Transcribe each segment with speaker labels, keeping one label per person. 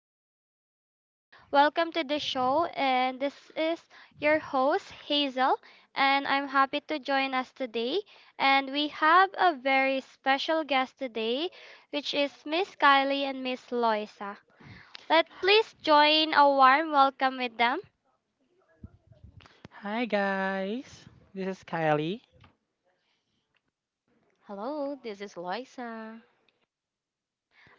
Speaker 1: hello everyone. Welcome to the show, and this is your host Hazel, and I'm happy to join us today. And we have a very special guest today, which is Miss Kylie and Miss Loisa. Let please join a warm welcome with them.
Speaker 2: Hi guys, this is Kylie.
Speaker 3: Hello, this is Loisa.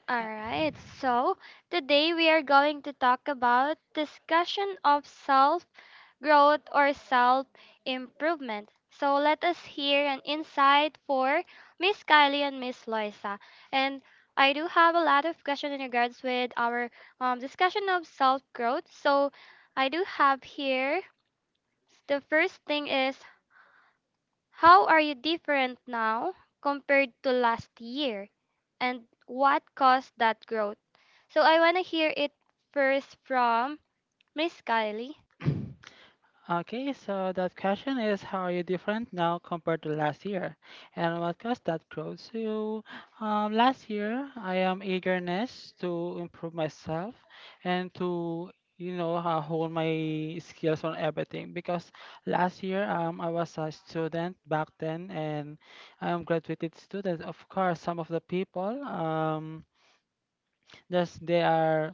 Speaker 1: All right, so today we are going to talk about discussion of self growth, or self improvement. So let us hear an insight for Miss Kylie and Miss Loisa. And I do have a lot of questions in regards with our discussion of self growth. So I do have here the first thing is how are you different now compared to last year, and what caused that growth? So I want to hear it first from Miss Kylie.
Speaker 2: Okay, so that question is how are you different now compared to last year? And what caused that growth? So last year I am eagerness to improve myself and to hold my skills on everything because last year I was a student back then and I'm graduated student. Of course, some of the people just they are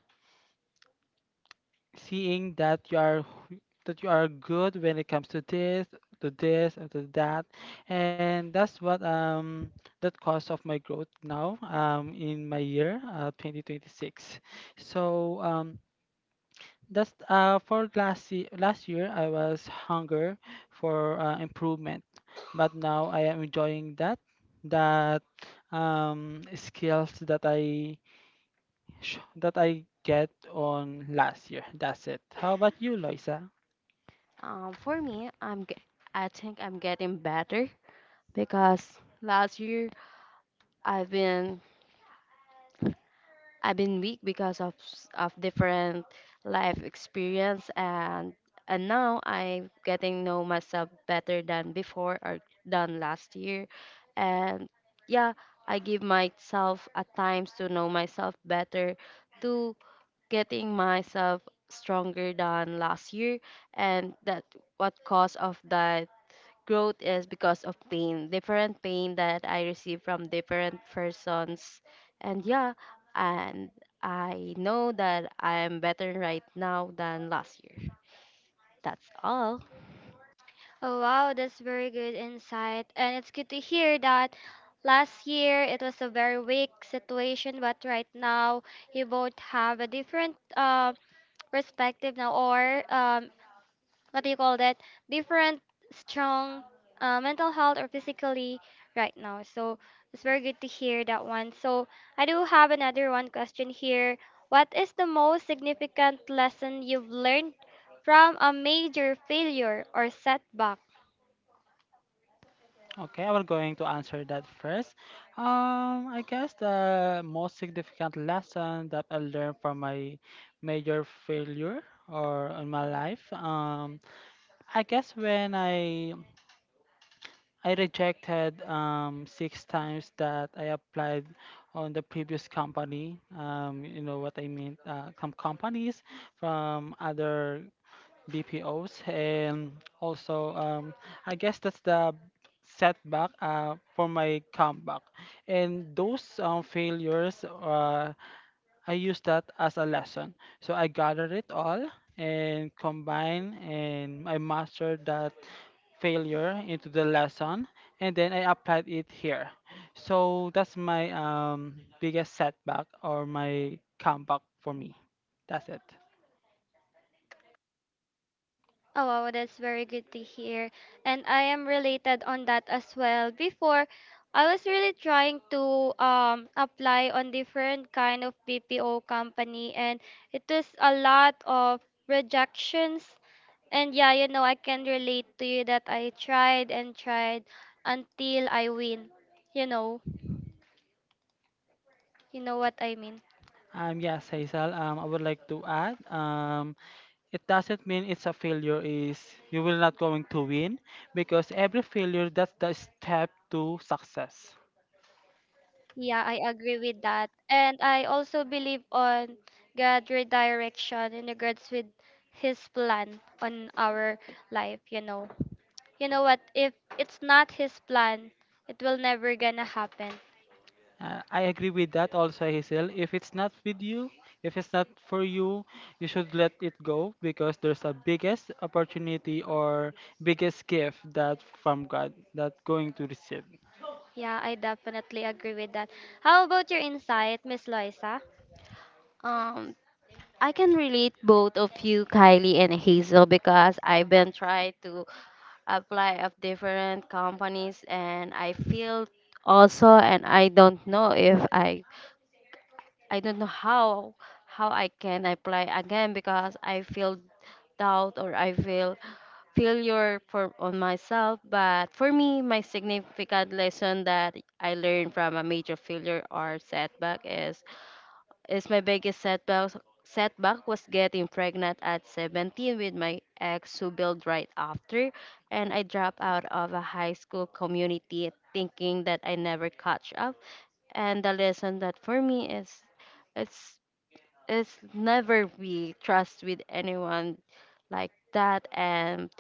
Speaker 2: seeing that that you are good when it comes to this and to that, and that's what that cause of my growth now in my year 2026. So that's for last year. Last year I was hunger for improvement, but now I am enjoying that that skills that that I get on last year. That's it. How about you, Loisa?
Speaker 3: For me, I think I'm getting better because last year I've been I've been weak because of different life experience and now I'm getting know myself better than before or than last year, and yeah, I give myself a times to know myself better to getting myself stronger than last year, and that what cause of that growth is because of pain, different pain that I receive from different persons. And yeah, and I know that I am better right now than last year. That's all.
Speaker 1: Oh, wow, that's very good insight. And it's good to hear that last year it was a very weak situation, but right now you both have a different perspective now, or what do you call that? Different strong mental health or physically right now. So it's very good to hear that one. So I do have another one question here. What is the most significant lesson you've learned from a major failure or setback?
Speaker 2: Okay, I was going to answer that first. I guess the most significant lesson that I learned from my major failure or in my life, I guess when I rejected 6 times that I applied on the previous company. You know what I mean? Some companies from other BPOs, and also I guess that's the setback for my comeback. And those failures, I use that as a lesson. So I gathered it all and combine, and I mastered that failure into the lesson, and then I applied it here. So that's my biggest setback or my comeback for me. That's it.
Speaker 1: Oh, wow, that's very good to hear. And I am related on that as well. Before, I was really trying to apply on different kind of BPO company, and it was a lot of rejections. And yeah, you know, I can relate to you that I tried and tried until I win. You know, you know what I mean.
Speaker 2: Yes, Hazel, I would like to add, it doesn't mean it's a failure is you will not going to win, because every failure that's the step to success.
Speaker 1: Yeah, I agree with that. And I also believe on God redirection in regards with his plan on our life, you know. You know what, if it's not his plan, it will never gonna happen.
Speaker 2: I agree with that also, Hazel. If it's not with you, if it's not for you, you should let it go because there's a biggest opportunity or biggest gift that from God that going to receive.
Speaker 1: Yeah, I definitely agree with that. How about your insight, Miss Loisa?
Speaker 3: um I can relate both of you, Kylie and Hazel, because I've been trying to apply of different companies and I feel also, and I don't know if I don't know how I can apply again because I feel doubt or I feel failure for on myself. But for me, my significant lesson that I learned from a major failure or setback is, my biggest setback was getting pregnant at 17 with my ex who built right after, and I dropped out of a high school community thinking that I never catch up. And the lesson that for me is, it's it's never be trust with anyone like that. And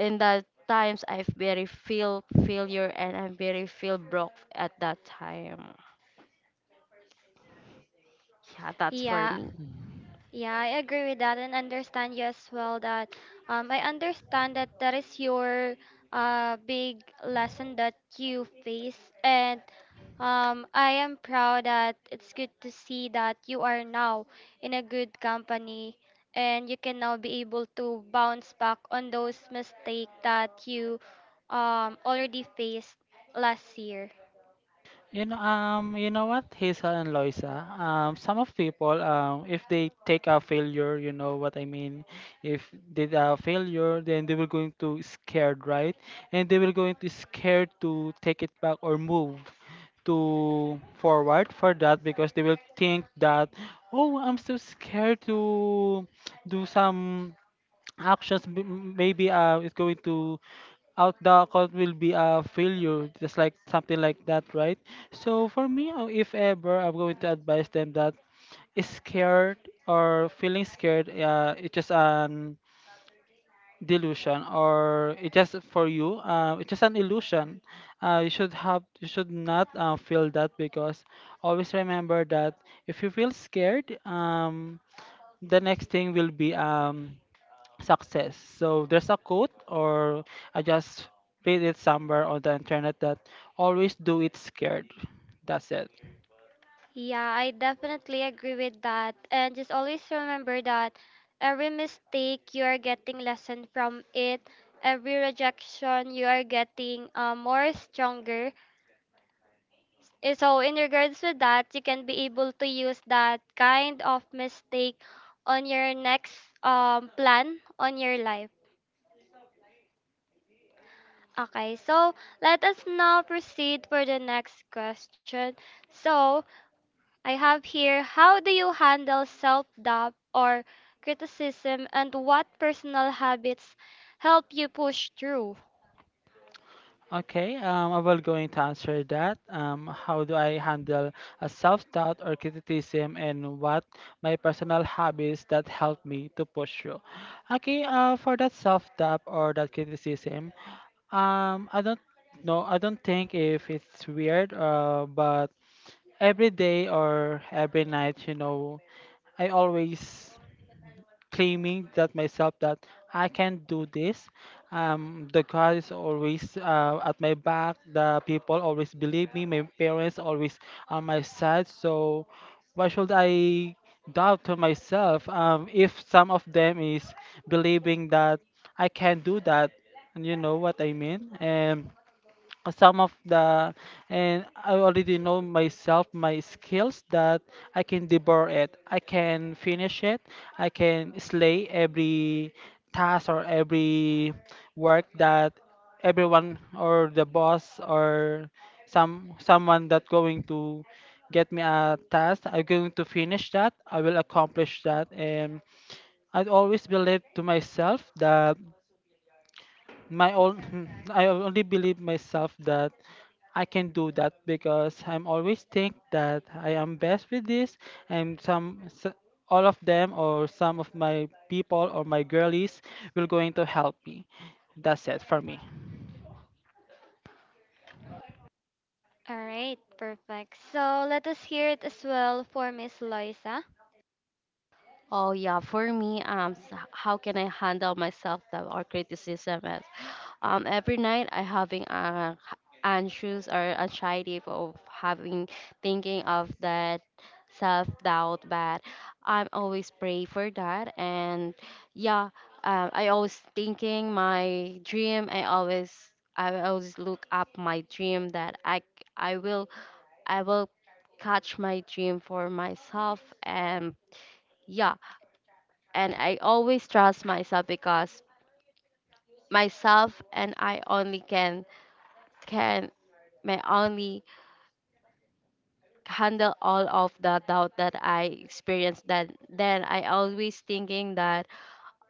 Speaker 3: in the times I've very feel failure and I'm very feel broke at that time. Yeah, that's for
Speaker 1: Yeah,
Speaker 3: me.
Speaker 1: yeah, I agree with that and understand you as well that I understand that that is your big lesson that you face, and I am proud that it's good to see that you are now in a good company and you can now be able to bounce back on those mistakes that you already faced last year.
Speaker 2: You know what, Hazel and Loisa. Some of people, if they take a failure, you know what I mean. If they a failure, then they will going to scared, right? And they will going to scared to take it back or move to forward for that because they will think that, oh, I'm so scared to do some actions maybe is going to out the account will be a failure, just like something like that, right? So for me, if ever I'm going to advise them that is scared or feeling scared, it's just an delusion or it's just for you, it's just an illusion. Uh, you should have you should not feel that because always remember that if you feel scared, the next thing will be success. So there's a quote, or I just read it somewhere on the internet that always do it scared. That's it.
Speaker 1: Yeah, I definitely agree with that. And just always remember that every mistake you are getting lesson from it, every rejection you are getting more stronger. Eh, so in regards to that, you can be able to use that kind of mistake on your next plan on your life. Okay, so let us now proceed for the next question. So I have here how do you handle self doubt or criticism and what personal habits help you push through?
Speaker 2: Okay, I will going to answer that. How do I handle a self-doubt or criticism, and what my personal habits that help me to push through? Okay, for that self-doubt or that criticism, I don't know. I don't think if it's weird, but every day or every night, you know, I always claiming that myself that I can do this. The God is always at my back. The people always believe me. My parents always on my side. So why should I doubt to myself if some of them is believing that I can do that? And you know what I mean? And some of the and I already know myself my skills that I can devour it, I can finish it, I can slay every task or every work that everyone or the boss or someone that going to get me a task, I'm going to finish that, I will accomplish that, and I always believe to myself that my own I only believe myself that I can do that because I'm always think that I am best with this and all of them or some of my people or my girlies will going to help me. That's it for me.
Speaker 1: All right, perfect. So let us hear it as well for Miss Loisa.
Speaker 3: Oh yeah, for me, how can I handle myself that or criticism is, every night I having a anxious or anxiety of having thinking of that self doubt, but I'm always pray for that. And yeah, I always thinking my dream. I always look up my dream that I will catch my dream for myself and. Yeah, and I always trust myself because myself and I only can may only handle all of the doubt that I experienced. That then I always thinking that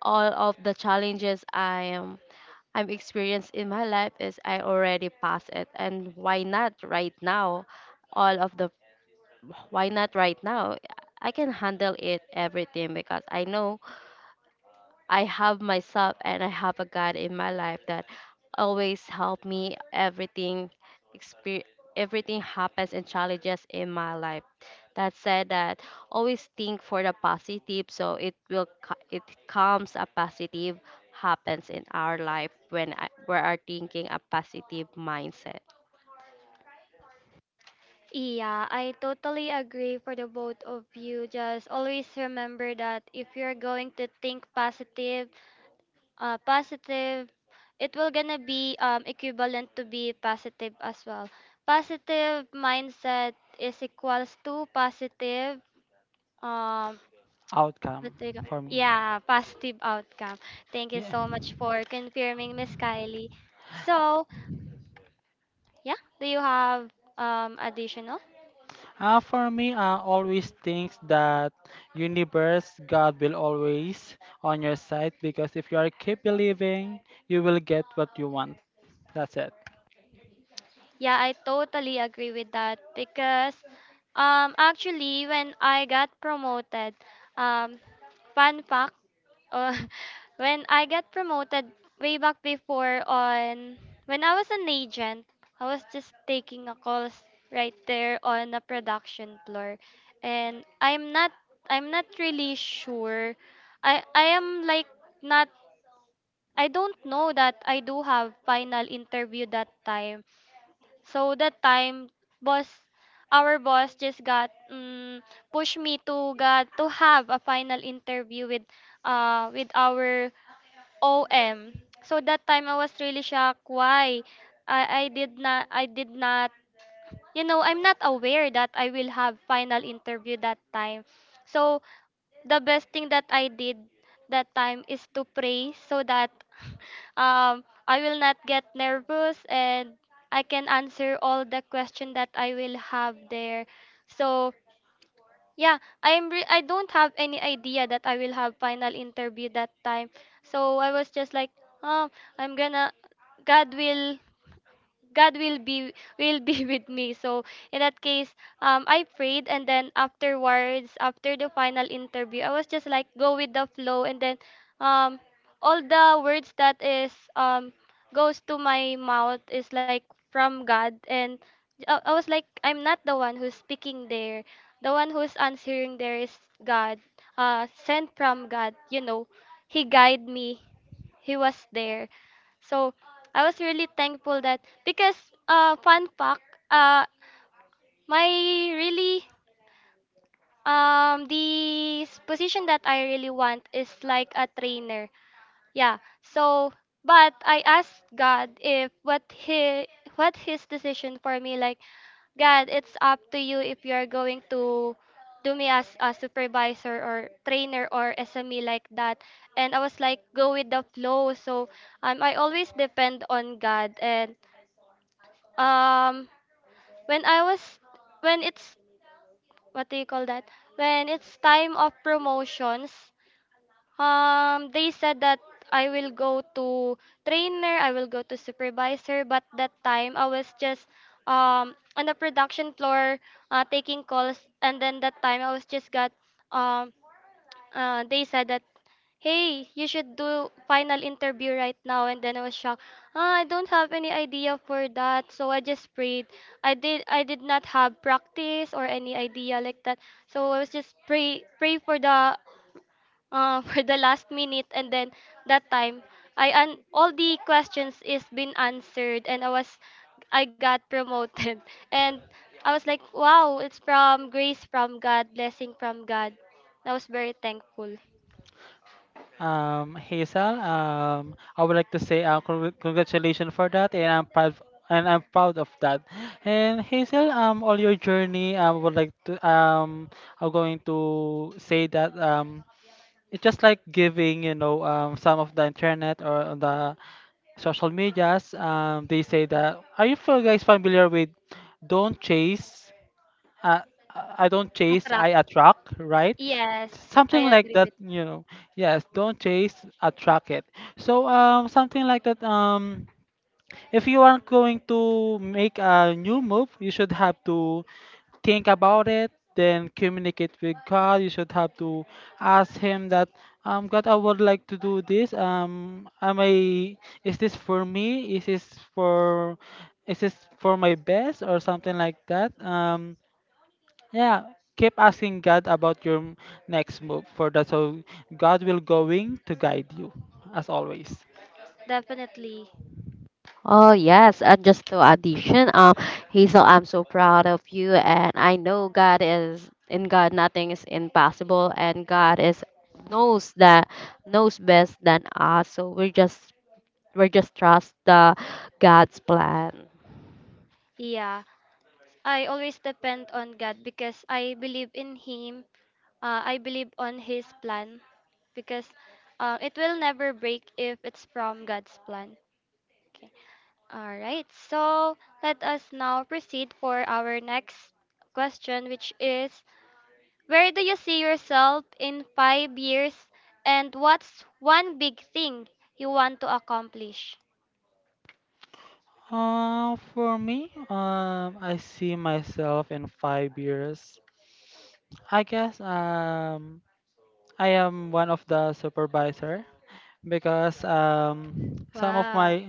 Speaker 3: all of the challenges I'm experienced in my life is I already passed it. And why not right now, all of the why not right now, I can handle it everything because I know I have myself and I have a God in my life that always help me everything, exper- everything happens and challenges in my life. That said that always think for the positive, so it will it comes a positive happens in our life when we are thinking a positive mindset.
Speaker 1: Yeah, I totally agree for the both of you. Just always remember that if you're going to think positive, positive it will gonna be equivalent to be positive as well, positive mindset is equals to positive, um
Speaker 2: Outcome
Speaker 1: what do you ca-
Speaker 2: for me.
Speaker 1: yeah, positive outcome. Thank you
Speaker 2: Yeah.
Speaker 1: so much for confirming, Miss Kylie. So yeah, do you have additional?
Speaker 2: For me, I always think that universe, God will always on your side because if you are keep believing, you will get what you want. That's it.
Speaker 1: Yeah, I totally agree with that because actually when I got promoted, um fun fact, uh, when I got promoted way back before on when I was an agent, I was just taking a calls right there on a production floor and I'm not really sure. I am like not, I don't know that I do have final interview that time. So that time, boss, our boss just got pushed me to got to have a final interview with with our OM. So that time I was really shocked why I did not, I did not, you know, I'm not aware that I will have final interview that time. So the best thing that I did that time is to pray so that I will not get nervous and I can answer all the question that I will have there. So yeah, I don't have any idea that I will have final interview that time. So I was just like, um, I'm gonna, God will, God will be, will be with me. So in that case, I prayed, and then afterwards, after the final interview, I was just like go with the flow, and then, um, all the words that is goes to my mouth is like from God, and I was like I'm not the one who's speaking there. The one who's answering there is God, sent from God. You know, He guide me. He was there. So I was really thankful that because fun fact, uh my really, position that I really want is like a trainer. Yeah. So but I asked God if what he, what his decision for me, like God, it's up to you if you're going to do me as a supervisor or trainer or SME like that. And I was like, go with the flow. So I always depend on God. And um when I was, when it's, what do you call that? When it's time of promotions, they said that I will go to trainer, I will go to supervisor, but that time I was just on the production floor taking calls, and then that time I was just got um they said that, hey, you should do final interview right now. And then I was shocked. Ah, I don't have any idea for that, so I just prayed. I did not have practice or any idea like that, so I was just pray for the for the last minute, and then that time I an all the questions is been answered, and I was, I got promoted, and I was like, wow, it's from grace from God, blessing from God. I was very thankful.
Speaker 2: Hazel, I would like to say congr- congratulations for that, and I'm proud of that. And Hazel, all your journey, I would like to I'm going to say that it's just like giving, you know, some of the internet or on the social medias. They say that. Are you feel guys familiar with "Don't chase"? uh, I don't chase, I
Speaker 1: Attract.
Speaker 2: attract, right?
Speaker 1: Yes, I
Speaker 2: Something like
Speaker 1: agree
Speaker 2: that,
Speaker 1: with
Speaker 2: you know. Yes, don't chase, attract it. So something like that. If you are going to make a new move, you should have to think about it, then communicate with God. You should have to ask Him that, God, I would like to do this. Am I? Is this for me? Is this for? Is this for my best or something like that? Yeah, keep asking God about your next move for that, so God will going to guide you as always.
Speaker 1: definitely.
Speaker 3: Oh yes, and just to addition, Hazel, I'm so proud of you. And I know God is in God nothing is impossible, and God is, knows that knows best than us. So we're just trust the God's plan.
Speaker 1: Yeah. I always depend on God because I believe in him. I believe on his plan because it will never break if it's from God's plan. Okay. All right. So, let us now proceed for our next question, which is where do you see yourself in 5 years and what's one big thing you want to accomplish?
Speaker 2: For me, I see myself in 5 years. I guess I am one of the supervisor because some of
Speaker 1: Wow.
Speaker 2: my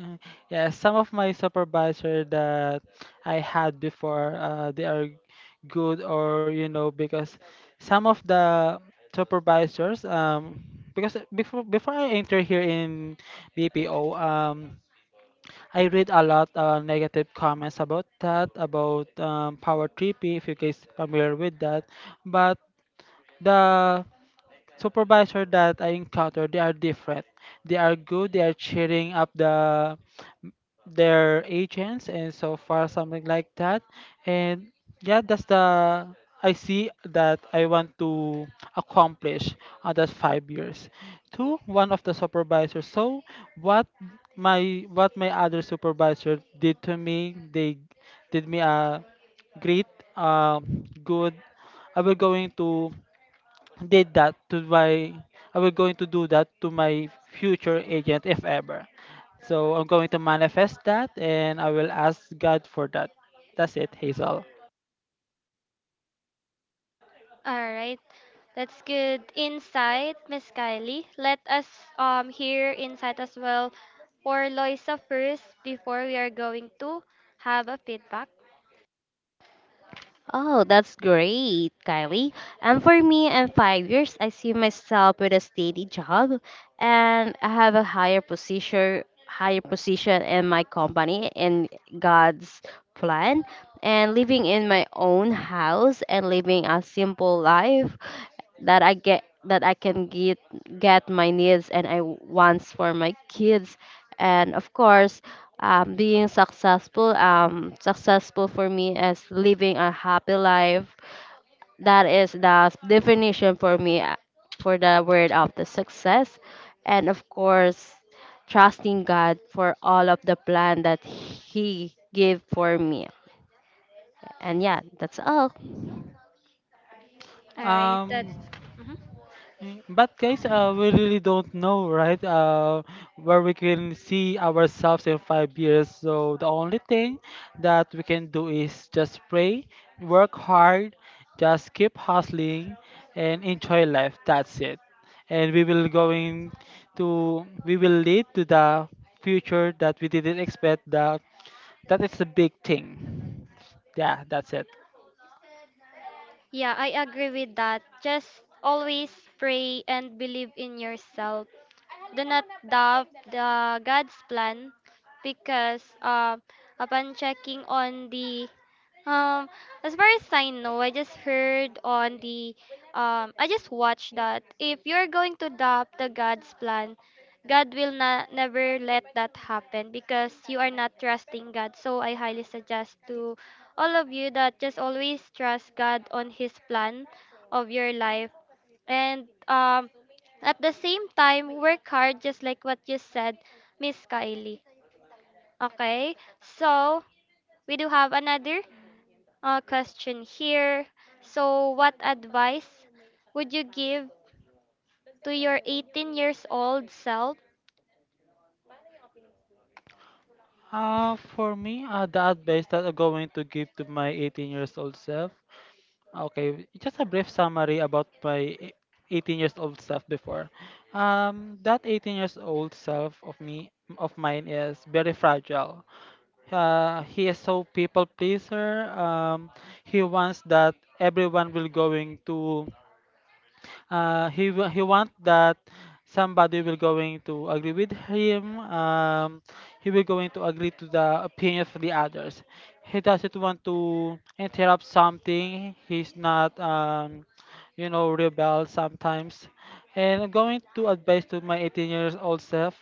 Speaker 2: yeah, some of my supervisor that I had before, they are good or you know because some of the supervisors because before I enter here in BPO, I read a lot negative comments about that about Power 3P if you guys familiar with that, but the supervisor that I encounter, they are different. They are good. They are cheering up their agents and so far something like that. And yeah, that's the I see that I want to accomplish on that 5 years. To one of the supervisors. So what what my other supervisor did to me, they did me a great good I will going to did that to my I will going to do that to my future agent if ever. So I'm going to manifest that, and I will ask God for that. That's it, Hazel.
Speaker 1: All right. That's good insight, Miss Kylie. Let us hear insight as well for Loisa first before we are going to have a feedback.
Speaker 3: Oh, that's great, Kylie. And for me, in 5 years, I see myself with a steady job, and I have a higher higher position in my company in God's plan, and living in my own house and living a simple life that I get that I can get my needs and I wants for my kids. And of course, being successful. Successful for me is living a happy life. That is the definition for me for the word of the success. And of course, trusting God for all of the plan that He gave for me. And yeah, that's all.
Speaker 1: All right.
Speaker 2: Um,
Speaker 1: That's mhm.
Speaker 2: But guys, we really don't know, right? Where we can see ourselves in 5 years. So the only thing that we can do is just pray, work hard, just keep hustling, and enjoy life. That's it. And we will lead to the future that we didn't expect. That is a big thing. Yeah, that's it.
Speaker 1: Yeah, I agree with that. Just always pray and believe in yourself. Do not doubt the God's plan because upon checking on the, um as far as I know, I just heard on the, I just watched that if you're going to doubt the God's plan, God will not never let that happen because you are not trusting God. So I highly suggest to all of you that just always trust God on his plan of your life, and at the same time, work hard just like what you said, Miss Kylie. Okay? So, we do have another question here. So, what advice would you give to your 18 years old self?
Speaker 2: For me, the advice that I'm going to give to my 18 years old self. Okay, just a brief summary about 18 years old self before. That 18 years old self of mine is very fragile. He is so people pleaser. He wants that everyone will going to he want that somebody will going to agree with him, he will going to agree to the opinion of the others, he doesn't want to interrupt something, he's not you know, rebel sometimes. And I'm going to advise to my 18 years old self,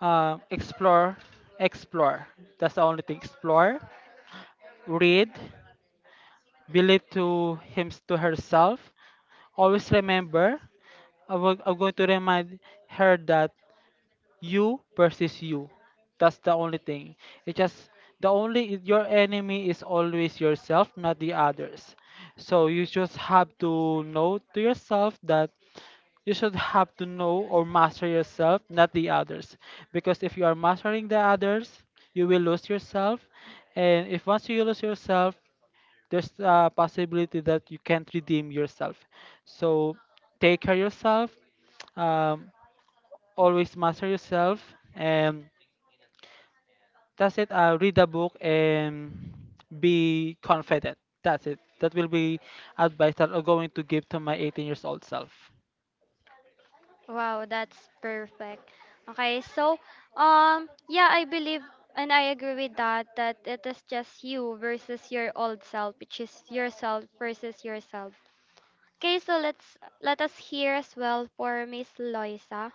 Speaker 2: uh, explore explore, that's the only thing, explore, read, believe to him to herself, always remember I'm going to remind her that you versus you. That's the only thing. It's just the only your enemy is always yourself, not the others. So you just have to know to yourself that you should have to know or master yourself, not the others. Because if you are mastering the others, you will lose yourself. And if once you lose yourself, there's a possibility that you can't redeem yourself. So take care yourself. Um, always master yourself, and that's it. Read a book and be confident. That's it. That will be advice that I'm going to give to my 18 years old self.
Speaker 1: Wow, that's perfect. Okay, so yeah, I believe and I agree with that that it is just you versus your old self, which is yourself versus yourself. Okay, so let's, let us hear as well for Miss Loisa.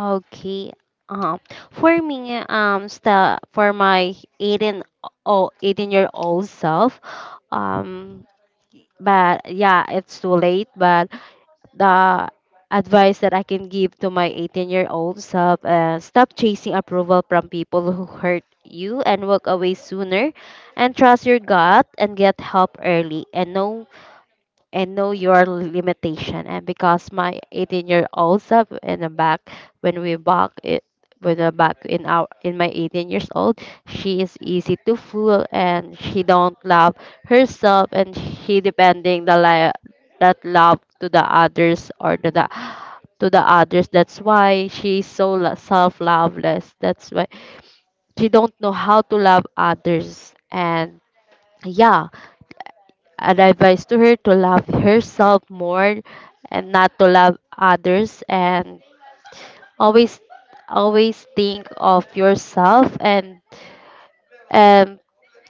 Speaker 3: Okay. Uh, for me, sta for my eighteen-year-old self, um, but yeah, it's too late. But the advice that I can give to my 18-year-old self, stop chasing approval from people who hurt you and walk away sooner, and trust your gut and get help early and know your limitation. And because my 18-year-old self in the back, when we back it, when the back in our in my 18 years old, she is easy to fool and she don't love herself and she depending that love to the others or to the others. That's why she's so self-loveless. That's why she don't know how to love others. And yeah, an advice to her to love herself more and not to love others, and always always think of yourself, and um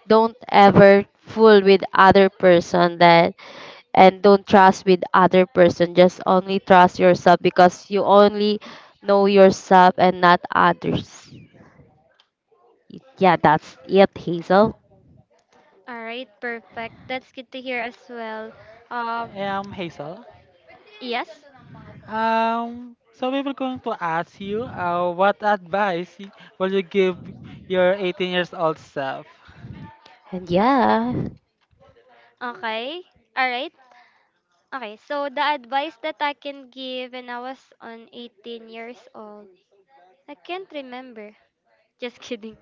Speaker 3: don't ever fool with other person that and don't trust with other person. Just only trust yourself because you only know yourself and not others. Yeah, that's it, Hazel.
Speaker 1: All right, perfect. That's good to hear as well. Um,
Speaker 2: Hazel.
Speaker 1: yes.
Speaker 2: So we were going to ask you, what advice will you give your 18 years old self?
Speaker 3: And yeah.
Speaker 1: Okay. All right. Okay. So the advice that I can give when I was on 18 years old, I can't remember. Just kidding.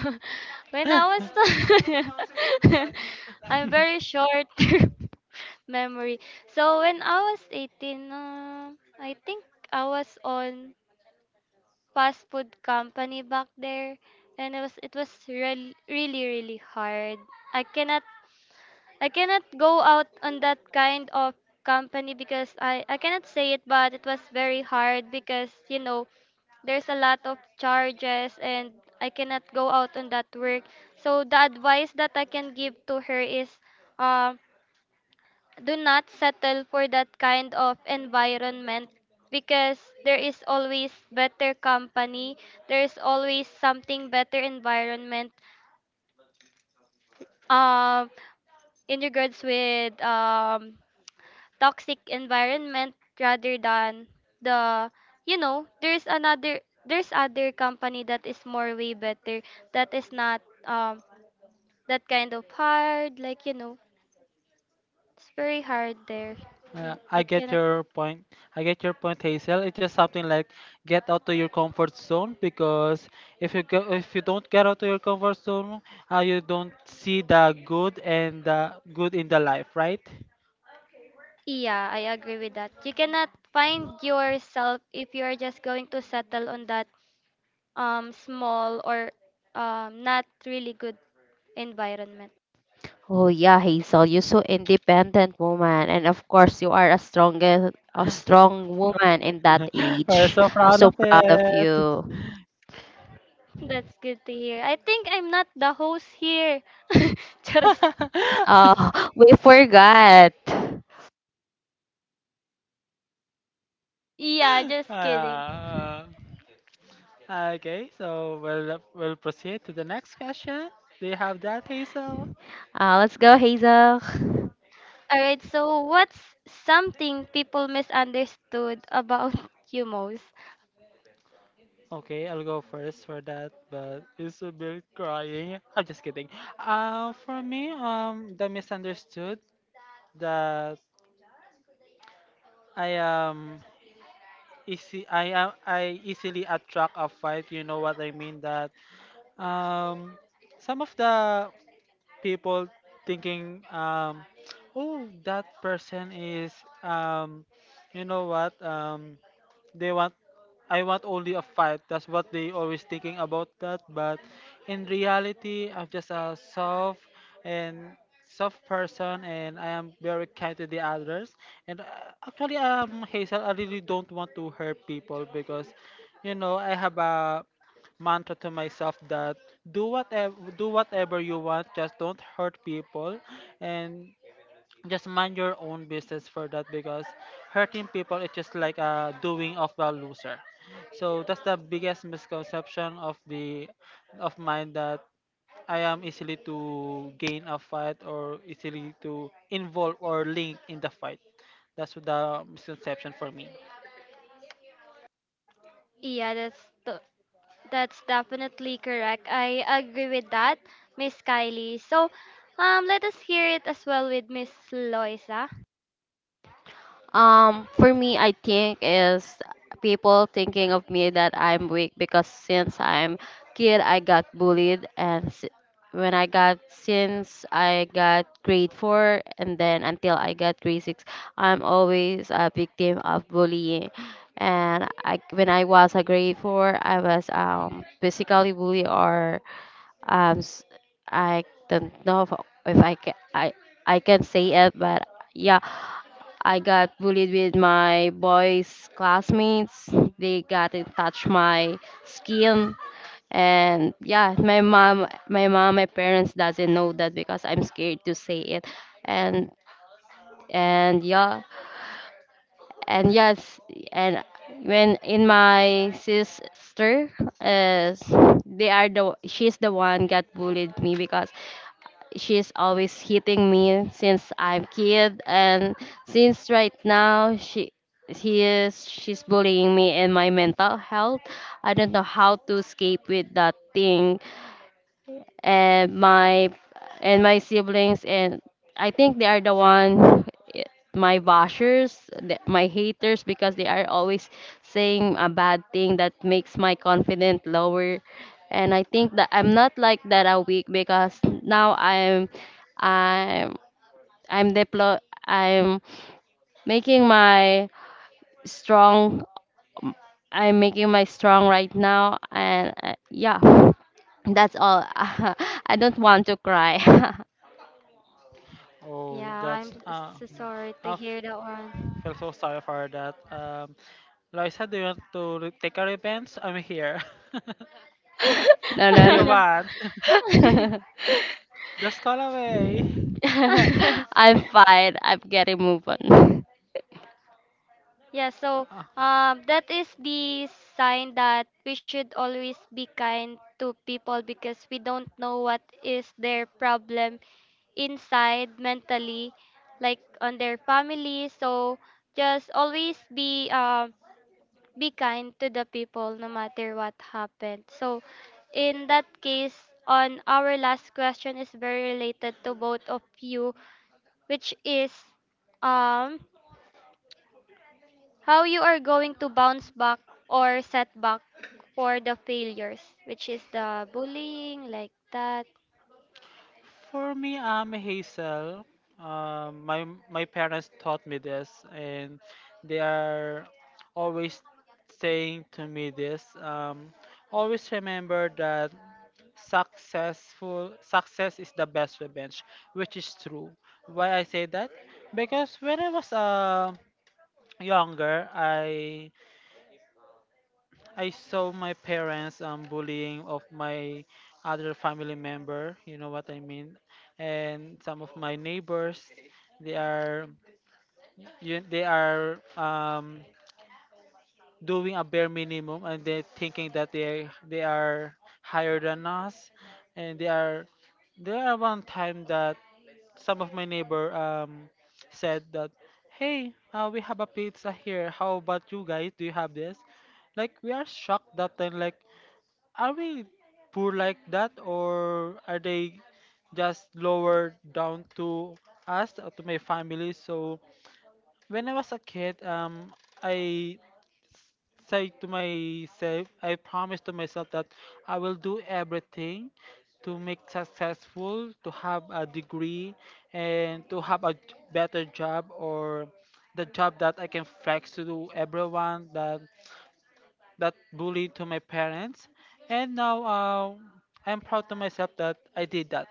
Speaker 1: When I was, I'm very short term memory. So when I was 18, I think I was on fast food company back there, and it was real, really really hard. I cannot, I cannot go out on that kind of company because I cannot say it, but it was very hard because you know there's a lot of charges and I cannot go out on that work. So the advice that I can give to her is, um do not settle for that kind of environment, because there is always better company, there is always something better environment, um in regards with, toxic environment, rather than the, you know, there's another, there's other company that is more way better, that is not, um that kind of hard, like you know, it's very hard there. Yeah, I
Speaker 2: I get
Speaker 1: cannot.
Speaker 2: your point. I get your point, Hazel. It's just something like get out of your comfort zone because if you don't get out of your comfort zone, you don't see the good in the life, right?
Speaker 1: Yeah, I agree with that. You cannot find yourself if you are just going to settle on that small or not really good environment.
Speaker 3: Oh yeah, Hazel, you're so independent woman, and of course you are a strong woman in that
Speaker 2: We're
Speaker 3: age.
Speaker 2: so
Speaker 3: I'm
Speaker 2: proud
Speaker 3: so
Speaker 2: of
Speaker 3: proud of
Speaker 2: it.
Speaker 3: you.
Speaker 1: That's good to hear. I think I'm not the host here. Charis.
Speaker 3: Oh, we forgot.
Speaker 1: Yeah, just kidding.
Speaker 2: Uh, okay, so we'll proceed to the next question. Do you have that, Hazel?
Speaker 3: Let's go, Hazel.
Speaker 1: All right, so what's something people misunderstood about you most?
Speaker 2: Okay, I'll go first for that, but Isabel crying. I'm just kidding. For me, the misunderstood that I am easy. I easily attract a fight. You know what I mean? That um, some of the people thinking, oh, that person is, um, you know what, they want, I want only a fight. That's what they always thinking about that. But in reality, I'm just a soft and soft person, and I am very kind to the others. And actually, Hazel, I really don't want to hurt people because, you know, I have a mantra to myself that do whatever you want, just don't hurt people and just mind your own business for that because hurting people is just like a doing of a loser. So that's the biggest misconception of the of mine that I am easily to gain a fight or easily to involve or link in the fight. That's the misconception for me.
Speaker 1: Yeah, that's t- that's definitely correct. I agree with that, Miss Kylie. So, let us hear it as well with Miss Loisa.
Speaker 3: For me, I think is people thinking of me that I'm weak because since I'm kid, I got bullied, when I got since I got grade four, and then until I got grade six, I'm always a victim of bullying. And when I was a grade four, I was basically bullied or um s- I don't know if I can say it, but yeah, I got bullied with my boys' classmates. They got to touch my skin. And yeah, my parents doesn't know that because I'm scared to say it. And yeah, and yes, and when in my sister, uh, they are the she's the one got bullied me because she's always hitting me since I'm kid. And since right now she he is she's bullying me in my mental health. I don't know how to escape with that thing. And my siblings, and I think they are the one, eh, my bashers, my haters, because they are always saying a bad thing that makes my confidence lower. And I think that I'm not like that a week because now I'm I'm deplo I'm making my strong I'm making my strong right now. And yeah, that's all. I don't want to cry.
Speaker 2: Oh,
Speaker 1: Yeah, I'm
Speaker 2: that's
Speaker 1: so sorry to
Speaker 2: uh,
Speaker 1: hear that one.
Speaker 2: Feel so sorry for that. Loisa, do you want to take a revenge? I'm here.
Speaker 3: No,
Speaker 2: If
Speaker 3: no, no,
Speaker 2: you
Speaker 3: no.
Speaker 2: want, just call away.
Speaker 3: I'm fine. I'm getting move on.
Speaker 1: Yeah, so
Speaker 2: Uh,
Speaker 1: that is the sign that we should always be kind to people because we don't know what is their problem inside mentally, like on their family. So just always be kind to the people no matter what happened. So, in that case, on our last question is very related to both of you, which is um how you are going to bounce back or set back for the failures, which is the bullying like that.
Speaker 2: for me, I'm Hazel. My parents taught me this, and they are always saying to me this. Always remember that success is the best revenge, which is true. Why I say that? Because when I was a younger, I saw my parents bullying of my other family member. You know what I mean? And some of my neighbors, they are they are doing a bare minimum, and they're thinking that they are higher than us, and they are there are one time that some of my neighbor said that hey, we have a pizza here, how about you guys, do you have this, like we are shocked that time, like are we poor like that or are they just lower down to us, to my family. So when I was a kid, I say to myself, I promise to myself that I will do everything to make successful, to have a degree, and to have a better job or the job that I can flex to everyone that that bully to my parents. And now I'm proud to myself that I did that.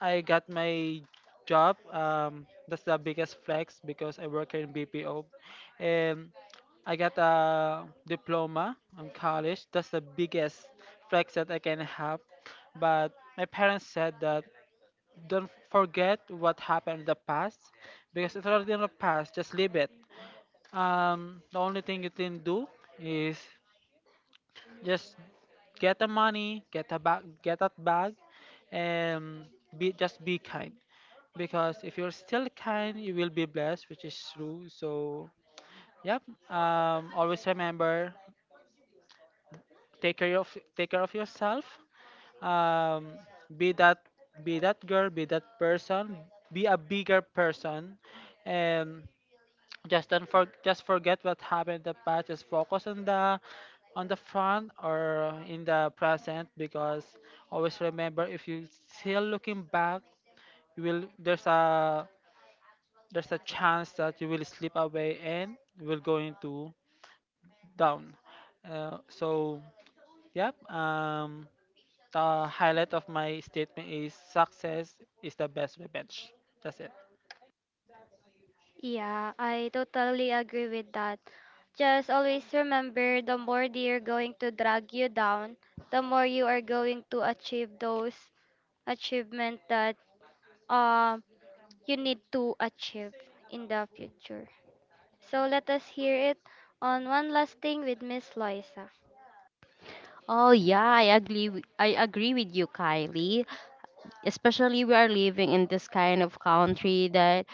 Speaker 2: I got my job. That's the biggest flex because I work here in BPO. And I got a diploma in college. That's the biggest flex that I can have. But my parents said that don't forget what happened in the past because it's already in the past. Just leave it. The only thing you can do is just get the money, get a bag, get that bag, and be just be kind. Because if you're still kind, you will be blessed, which is true. So, yep. Always remember, take care of take care of yourself. Um, be that be that girl, be that person, be a bigger person, and just don't for, just forget what happened in the past. Just focus on the front or in the present, because always remember, if you still looking back, you will there's a chance that you will slip away and you will go into down. So, yep. The highlight of my statement is success is the best revenge. That's it.
Speaker 1: Yeah, I totally agree with that. Just always remember the more they are going to drag you down, the more you are going to achieve those achievement that uh, you need to achieve in the future. So let us hear it on one last thing with Miss Loisa.
Speaker 3: Oh yeah, I agree. With you, Kylie. Especially we are living in this kind of country that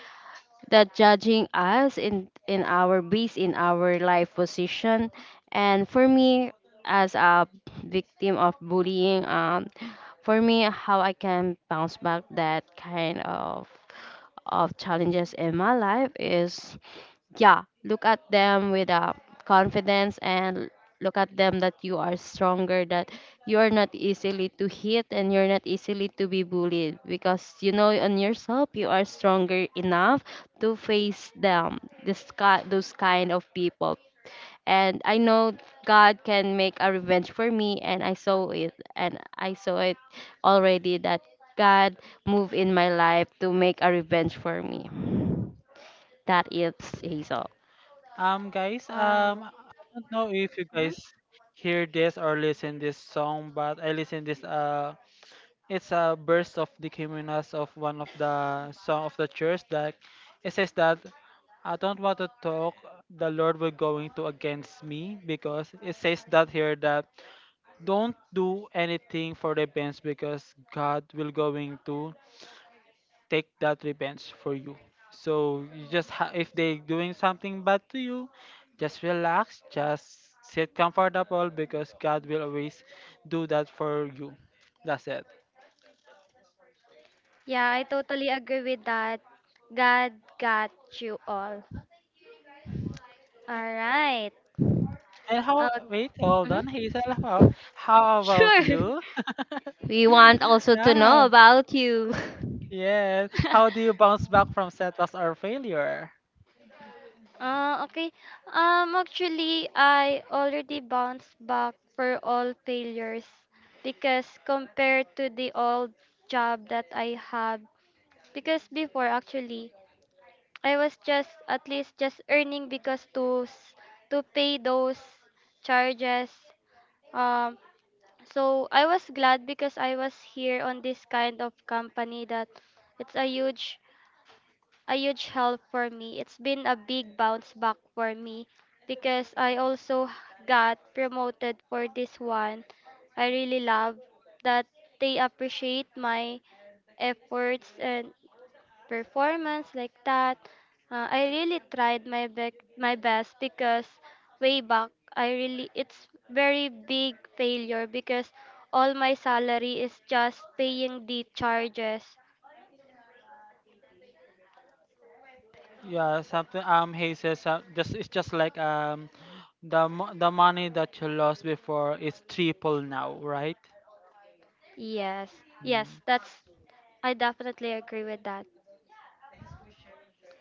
Speaker 3: judging us in our base in our life position. And for me, as a victim of bullying, for me, how I can bounce back that kind of challenges in my life is, yeah, look at them with confidence, and look at them that you are stronger, that you are not easily to hit and you're not easily to be bullied because you know on yourself you are stronger enough to face them, those kind of people. And I know God can make a revenge for me, and I saw it already that God move in my life to make a revenge for me. That is, Hazel.
Speaker 2: Guys,
Speaker 1: Uh,
Speaker 2: I don't know if you
Speaker 1: mhm.
Speaker 2: guys hear this or listen this song, but I listen this. It's a burst of the criminals of one of the song of the church that it says that I don't want to talk. The Lord will going to against me, because it says that here that don't do anything for revenge because God will going to take that revenge for you. So you just if they doing something bad to you, just relax, just sit comfortable because God will always do that for you. That's it.
Speaker 1: Yeah, I totally agree with that. God got you all. All right.
Speaker 2: And
Speaker 1: Uh,
Speaker 2: how? Wait, hold
Speaker 1: mhm.
Speaker 2: on, Hazel. How about
Speaker 1: Sure.
Speaker 2: you?
Speaker 3: We want also to know
Speaker 2: Yeah.
Speaker 3: about you.
Speaker 2: Yes. How do you bounce back from setbacks or failure?
Speaker 1: Okay. Actually, I already bounced back for all failures because compared to the old job that I have, because before actually, I was just at least just earning because to pay those charges. Um, so I was glad because I was here on this kind of company that it's a huge help for me. It's been a big bounce back for me because I also got promoted for this one. I really love that they appreciate my efforts and performance like that. I really tried my my best because way back I really it's very big failure because all my salary is just paying the charges.
Speaker 2: Yeah, something he says, just it's just like the the money that you lost before is triple now, right?
Speaker 1: Yes, yes,
Speaker 2: Mm.
Speaker 1: that's, I definitely agree with that.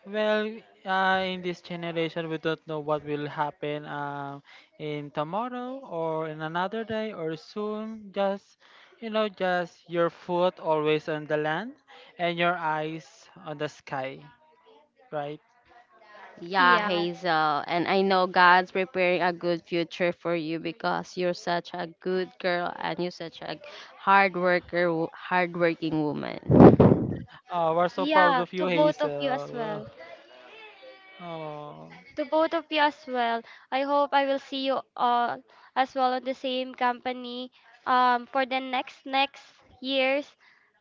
Speaker 2: Well, in this generation, we don't know what will happen, in tomorrow or in another day or soon. Just you know, just your foot always on the land and your eyes on the sky, right?
Speaker 3: Yeah,
Speaker 1: Yeah,
Speaker 3: Hazel. And I know God's preparing a good future for you because you're such a good girl and you're such a hardworking woman.
Speaker 2: Oh, we're so proud
Speaker 1: yeah,
Speaker 2: of
Speaker 1: to
Speaker 2: you,
Speaker 1: both of you as
Speaker 2: Hazel.
Speaker 1: well.
Speaker 2: Oh,
Speaker 1: To both of you as well. I hope I will see you all as well on the same company for the next next years.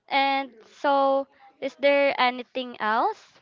Speaker 1: And so, is there anything else?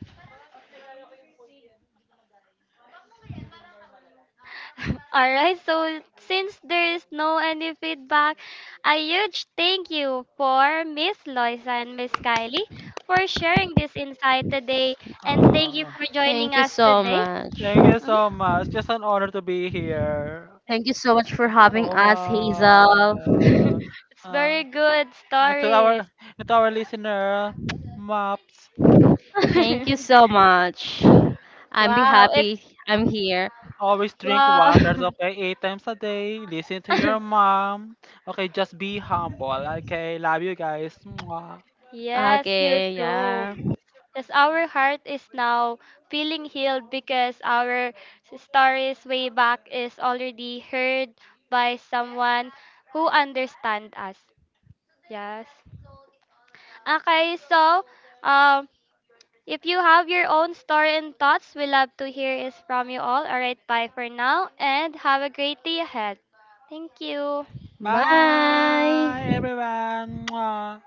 Speaker 1: All right, so since there is no any feedback, a huge thank you for Miss Loisa and Miss Kylie for sharing this insight today,
Speaker 2: oh.
Speaker 1: and thank you
Speaker 2: uh,
Speaker 1: for joining
Speaker 3: Thank you
Speaker 1: us
Speaker 3: so
Speaker 1: today.
Speaker 3: much.
Speaker 2: Thank you so
Speaker 1: Mhm.
Speaker 2: much. Just an honor to be here.
Speaker 3: Thank you so much for having
Speaker 2: Oh
Speaker 3: us, Hazel.
Speaker 2: my.
Speaker 1: It's
Speaker 2: Uh,
Speaker 1: very good
Speaker 2: and to
Speaker 1: stories.
Speaker 2: our and to our listener, mops.
Speaker 3: Thank you so much. I'm be
Speaker 1: Wow, it's
Speaker 3: happy I'm here.
Speaker 2: Always drink
Speaker 1: wow.
Speaker 2: waters, okay? 8 times a day. Listen to your mom. Okay, just be humble, okay? Love you guys. Mwah.
Speaker 1: Yes, you
Speaker 3: Okay,
Speaker 1: too.
Speaker 3: yeah.
Speaker 1: As our heart is now feeling healed because our stories way back is already heard by someone who understands us. Yes. Okay, so um, if you have your own story and thoughts, we love to hear is from you all. All right, bye for now and have a great day ahead. Thank you.
Speaker 2: Bye,
Speaker 3: Bye.
Speaker 2: everyone. Mwah.